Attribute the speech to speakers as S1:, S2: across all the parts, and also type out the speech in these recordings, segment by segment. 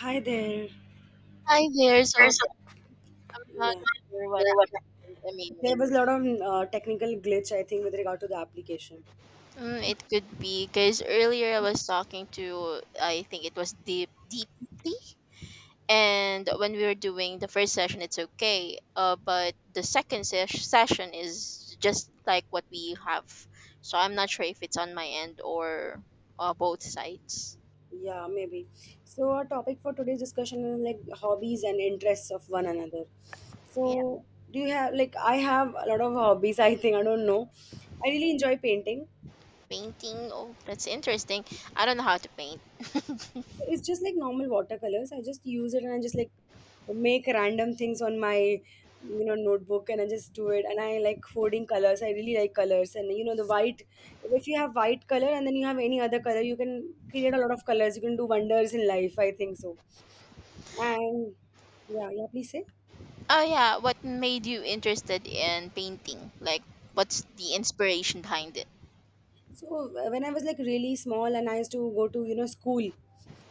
S1: Hi there.
S2: Hi there.
S1: There's
S2: I'm not
S1: Yeah.
S2: sure what
S1: there was a-
S2: happened. I mean,
S1: There was a lot of technical glitch, I think, with regard to the application.
S2: it could be because earlier I was talking to, I think it was deep, deeply, and when we were doing the first session, it's okay. But the second session is just like what we have. So I'm not sure if it's on my end or both sides.
S1: Yeah, maybe. So, our topic for today's discussion is like hobbies and interests of one another.
S2: Yeah,
S1: So, do you have, like, I have a lot of hobbies, I think, I don't know. I really enjoy painting.
S2: painting. Oh, that's interesting. I don't know how to paint.
S1: So, it's just like normal watercolors. I just use it and I just like make random things on my notebook, and I just do it, and I like hoarding colors. I really like colors, and you know the white. If you have white color and then you have any other color, you can create a lot of colors. You can do wonders in life, I think so. And, yeah, yeah, please say.
S2: Oh yeah, what made you interested in painting? Like what's the inspiration behind it?
S1: So when I was like really small, and I used to go to school,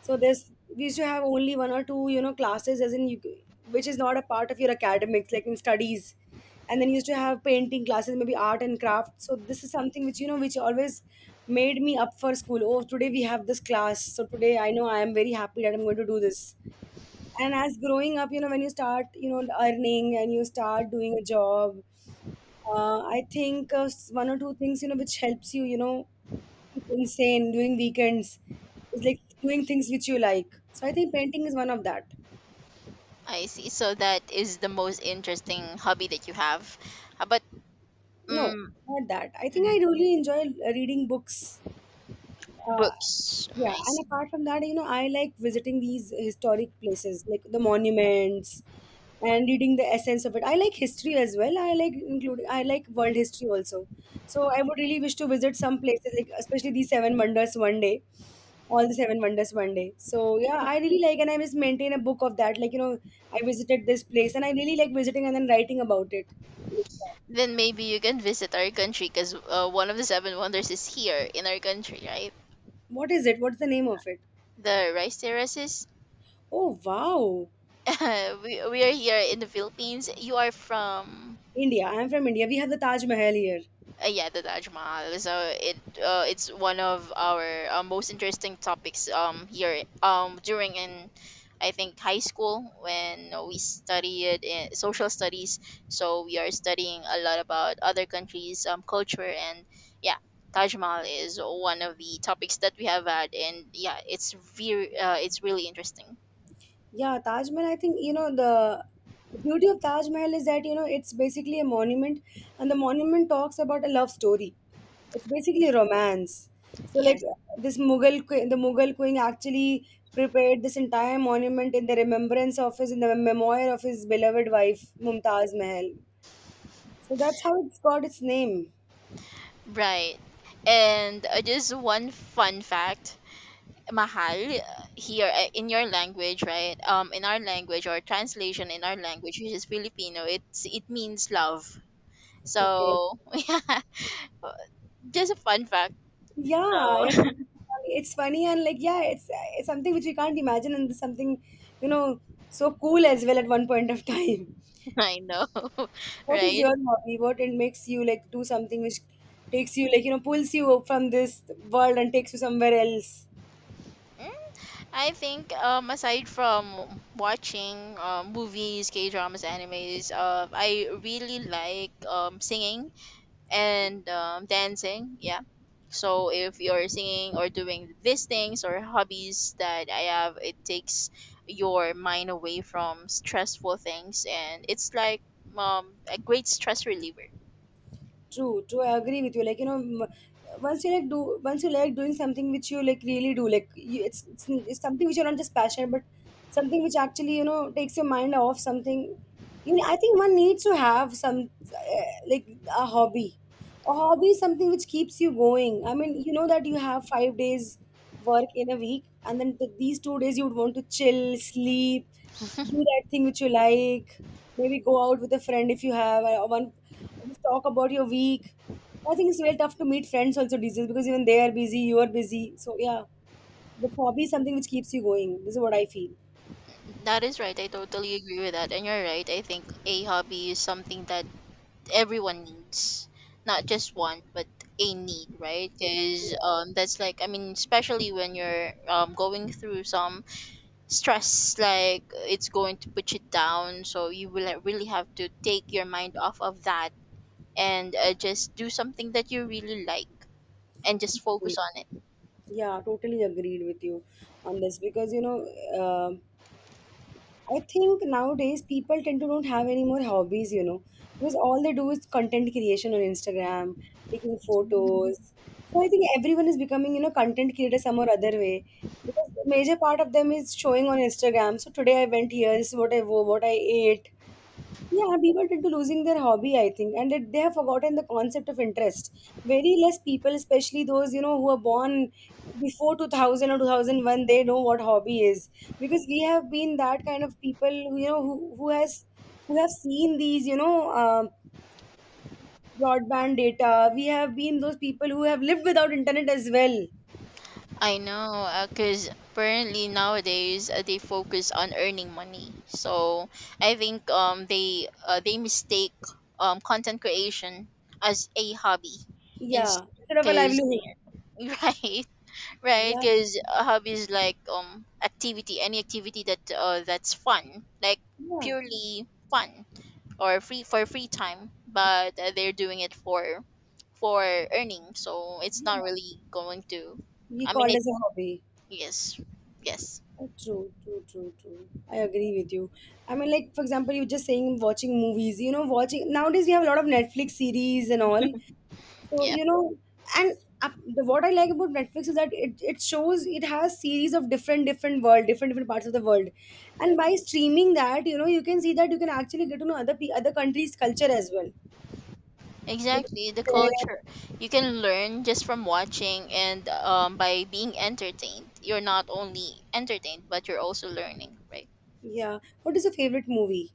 S1: so there's we used to have only one or two classes, as in you, which is not a part of your academics, like in studies, and then you used to have painting classes, maybe art and craft. So this is something which which always made me up for school. Oh, today we have this class, so today I know I am very happy that I'm going to do this. And as growing up, when you start earning and you start doing a job, I think one or two things which helps you you know insane doing weekends. It's like doing things which you like, so I think painting is one of that.
S2: I see. So that is the most interesting hobby that you have. How about
S1: No,
S2: mm,
S1: not that. I think
S2: mm,
S1: I really enjoy reading books. uh,
S2: books? Mm,
S1: yeah,
S2: I
S1: and
S2: see.
S1: apart from that, I like visiting these historic places, like the monuments, and reading the essence of it. I like history as well. I like world history also. So I would really wish to visit some places, like especially these seven wonders one day, all the seven wonders one day. So yeah, I really like, and I just maintain a book of that, like, I visited this place and I really like visiting and then writing about it. Like, yeah.
S2: Then maybe you can visit our country because one of the seven wonders is here in our country, right?
S1: What is it? What's the name of it?
S2: The rice terraces.
S1: Oh wow.
S2: We are here in the Philippines. You are from
S1: India. I'm from India. We have the Taj Mahal here.
S2: Yeah, the Taj Mahal. So it it's one of our most interesting topics here during in I think high school when we studied in social studies. So we are studying a lot about other countries' culture and yeah, Taj Mahal is one of the topics that we have had and yeah, it's very it's really interesting.
S1: Yeah, Taj Mahal. I think you know the beauty of Taj Mahal is that it's basically a monument, and the monument talks about a love story. It's basically
S2: Yeah.
S1: romance. So like
S2: Yes,
S1: the Mughal queen actually prepared this entire monument in the memoir of his beloved wife Mumtaz Mahal. So that's how it's got its name.
S2: right. And just one fun fact, mahal here in your language, right, um, in our language or translation in our language, which is Filipino, it's it means love.
S1: Okay.
S2: So yeah, just a fun fact.
S1: Yeah,
S2: So
S1: yeah. It's funny, and like yeah, it's something which we can't imagine, and something, you know, so cool as well at one point of time.
S2: I know.
S1: What is
S2: Right.
S1: your hobby? What it makes you like do something which takes you like, pulls you from this world and takes you somewhere else.
S2: I think aside from watching um movies, K dramas, animes, I really like singing
S1: Okay.
S2: and um dancing. Yeah, so if you're singing or doing these things or hobbies that I have, it takes your mind away from stressful things, and it's like um a great stress reliever.
S1: True, true. I agree with you. Like once you like doing something which you like really do, like you, it's something which you're not just passionate, but something which actually takes your mind off something. You know, I think one needs to have some like a hobby. A hobby is something which keeps you going. I mean, you know that you have 5 days work in a week, and then these 2 days you would want to chill, sleep, do that thing which you like, maybe go out with a friend if you have, or one, just talk about your week. I think it's real tough to meet friends also these days, because even they are busy, you are busy, so yeah. The hobby is something which keeps you going. This is what I feel.
S2: That is right. I totally agree with that, and you're right. I think a hobby is something that everyone needs, not just want, but a need, right? Because um that's like, I mean, especially when you're um going through some stress, like it's going to put you down, so you will, like, really have to take your mind off of that, and just do something that you really like and just focus on
S1: Yeah, totally agreed with you on this, because uh, I think nowadays people tend to don't have any more hobbies, you know, because all they do is content creation on Instagram, taking
S2: it.
S1: photos. So I think everyone is becoming, content creator some or other way, because the major part of them is showing on Instagram. So today I went here, this is what I wore, what I ate. Yeah, people tend to losing their hobby, I think, and they have forgotten the concept of interest. Very less people, especially those who are born before 2000 or 2001, they know what hobby is, because we have been that kind of people who have seen these broadband data. We have been those people who have lived without internet as well.
S2: I know, because apparently nowadays they focus on earning money. So I think they mistake content creation as a hobby, because
S1: Yeah, instead of a livelihood.
S2: they're right. Right,
S1: Yeah,
S2: because a hobby is like activity, any activity that that's fun, like
S1: yeah,
S2: purely fun, or free, for free time, but they're doing it for earning, so it's
S1: yeah.
S2: not really going to.
S1: He
S2: I mean,
S1: called
S2: it,
S1: as a hobby.
S2: yes, yes,
S1: Oh, true, true, true, true. I agree with you. I mean, like, for example, you just saying watching movies, you know, watching nowadays we have a lot of Netflix series and all. So,
S2: yeah,
S1: and uh, what I like about Netflix is that it has series of different, different parts of the world. And by streaming that, you can see that you can actually get to know other countries' culture as well. What is
S2: exactly. The
S1: their-
S2: culture you can learn just from watching and by being entertained. You're not only entertained, but you're also learning, right?
S1: Yeah. What is your favorite movie,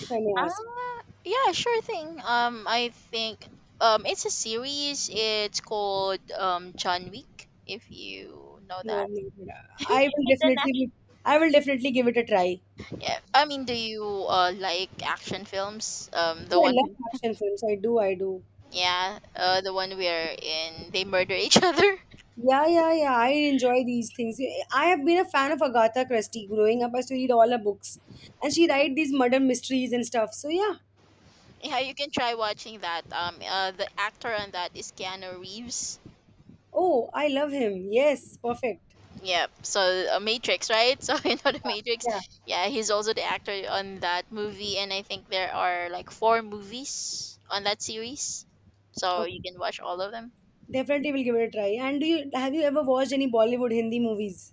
S1: if I may ask?
S2: Uh, yeah, sure thing. I think um it's a series. It's called um John Wick. If you know
S1: No,
S2: that,
S1: no, no. I will
S2: it's an
S1: definitely,
S2: action.
S1: be- I will definitely give it a try.
S2: Yeah, I mean, do you like action films?
S1: Oh,
S2: The
S1: I
S2: one
S1: love
S2: who,
S1: action films. I do, I do.
S2: yeah, the one where in they murder each other.
S1: Yeah, yeah, yeah. I enjoy these things. I have been a fan of Agatha Christie growing up. I used to read all her books. And she write these murder mysteries and stuff. So yeah.
S2: Yeah, you can try watching that. The actor on that is Keanu Reeves.
S1: Oh, I love him. Yes, perfect.
S2: Yeah. So Matrix, right? So you know the Matrix.
S1: Yeah.
S2: Yeah, he's also the actor on that movie, and I think there are like four movies on that series, so
S1: Okay.
S2: you can watch all of them.
S1: Definitely will give it a try. And do you have you ever watched any Bollywood Hindi movies?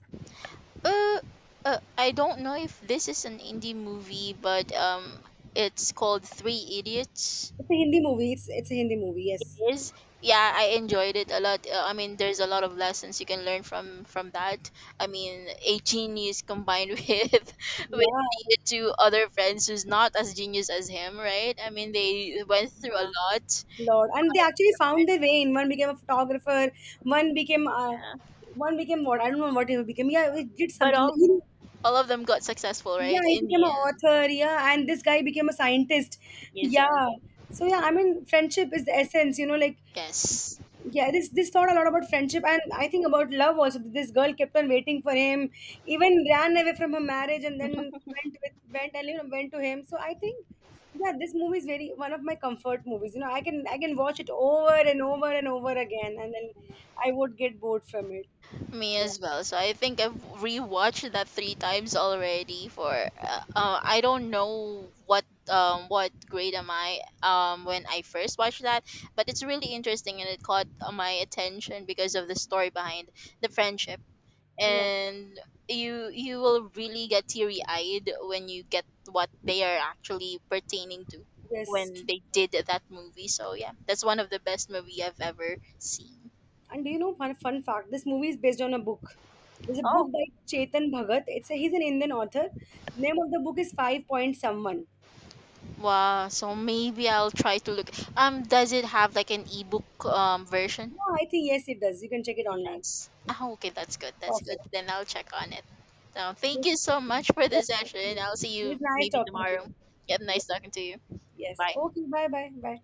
S2: Uh, I don't know if this is an indie movie, but um it's called Three Idiots.
S1: It's a Hindi movie. It's a Hindi movie, yes.
S2: It is. Yeah, I enjoyed it a lot. I mean, there's a lot of lessons you can learn from that. I mean, a genius combined with
S1: Yeah,
S2: the two other friends who's not as genius as him, right? I mean, they went through a
S1: yeah.
S2: lot,
S1: Lord. And they actually found their way in. One became a photographer, one became uh,
S2: uh,
S1: one became what? I don't know what he became. Yeah, it did
S2: but
S1: something.
S2: all of them got successful,
S1: Yeah,
S2: right?
S1: he
S2: In
S1: became
S2: the
S1: an
S2: end,
S1: author. Yeah, and this guy became a scientist.
S2: yes,
S1: Yeah. So yeah, I mean, friendship is the essence. You know, like
S2: yes.
S1: yeah, this taught a lot about friendship, and I think about love also. This girl kept on waiting for him, even ran away from her marriage, and then went with went and you know went to him. So I think yeah, this movie is very one of my comfort movies. You know, I can watch it over and over and over again, and then I would get bored from it.
S2: Me
S1: Yeah.
S2: as well. So I think I've rewatched that three times already. For I don't know what grade am I when I first watched that, but it's really interesting, and it caught my attention because of the story behind the friendship.
S1: Yeah.
S2: And you will really get teary eyed when you get what they are actually pertaining to
S1: Yes.
S2: when
S1: True.
S2: they did that movie. So yeah, that's one of the best movie I've ever seen.
S1: And do you know fun fact? This movie is based on a book. There's a
S2: Oh,
S1: book by Chetan Bhagat. He's an Indian author. Name of the book is Five Point Someone.
S2: wow, so maybe I'll try to look. Does it have like an ebook version?
S1: No, I think yes, it does. You can check it
S2: It
S1: online.
S2: does. Oh, okay, that's good. That's good.
S1: Perfect.
S2: Then I'll check on it. So thank
S1: Okay,
S2: you so much for the
S1: yes.
S2: session. I'll see
S1: It
S2: you
S1: was nice
S2: maybe
S1: talking to you.
S2: tomorrow. Yeah,
S1: Yeah.
S2: nice talking to you.
S1: Yes.
S2: Bye.
S1: Okay. Bye. Bye. Bye.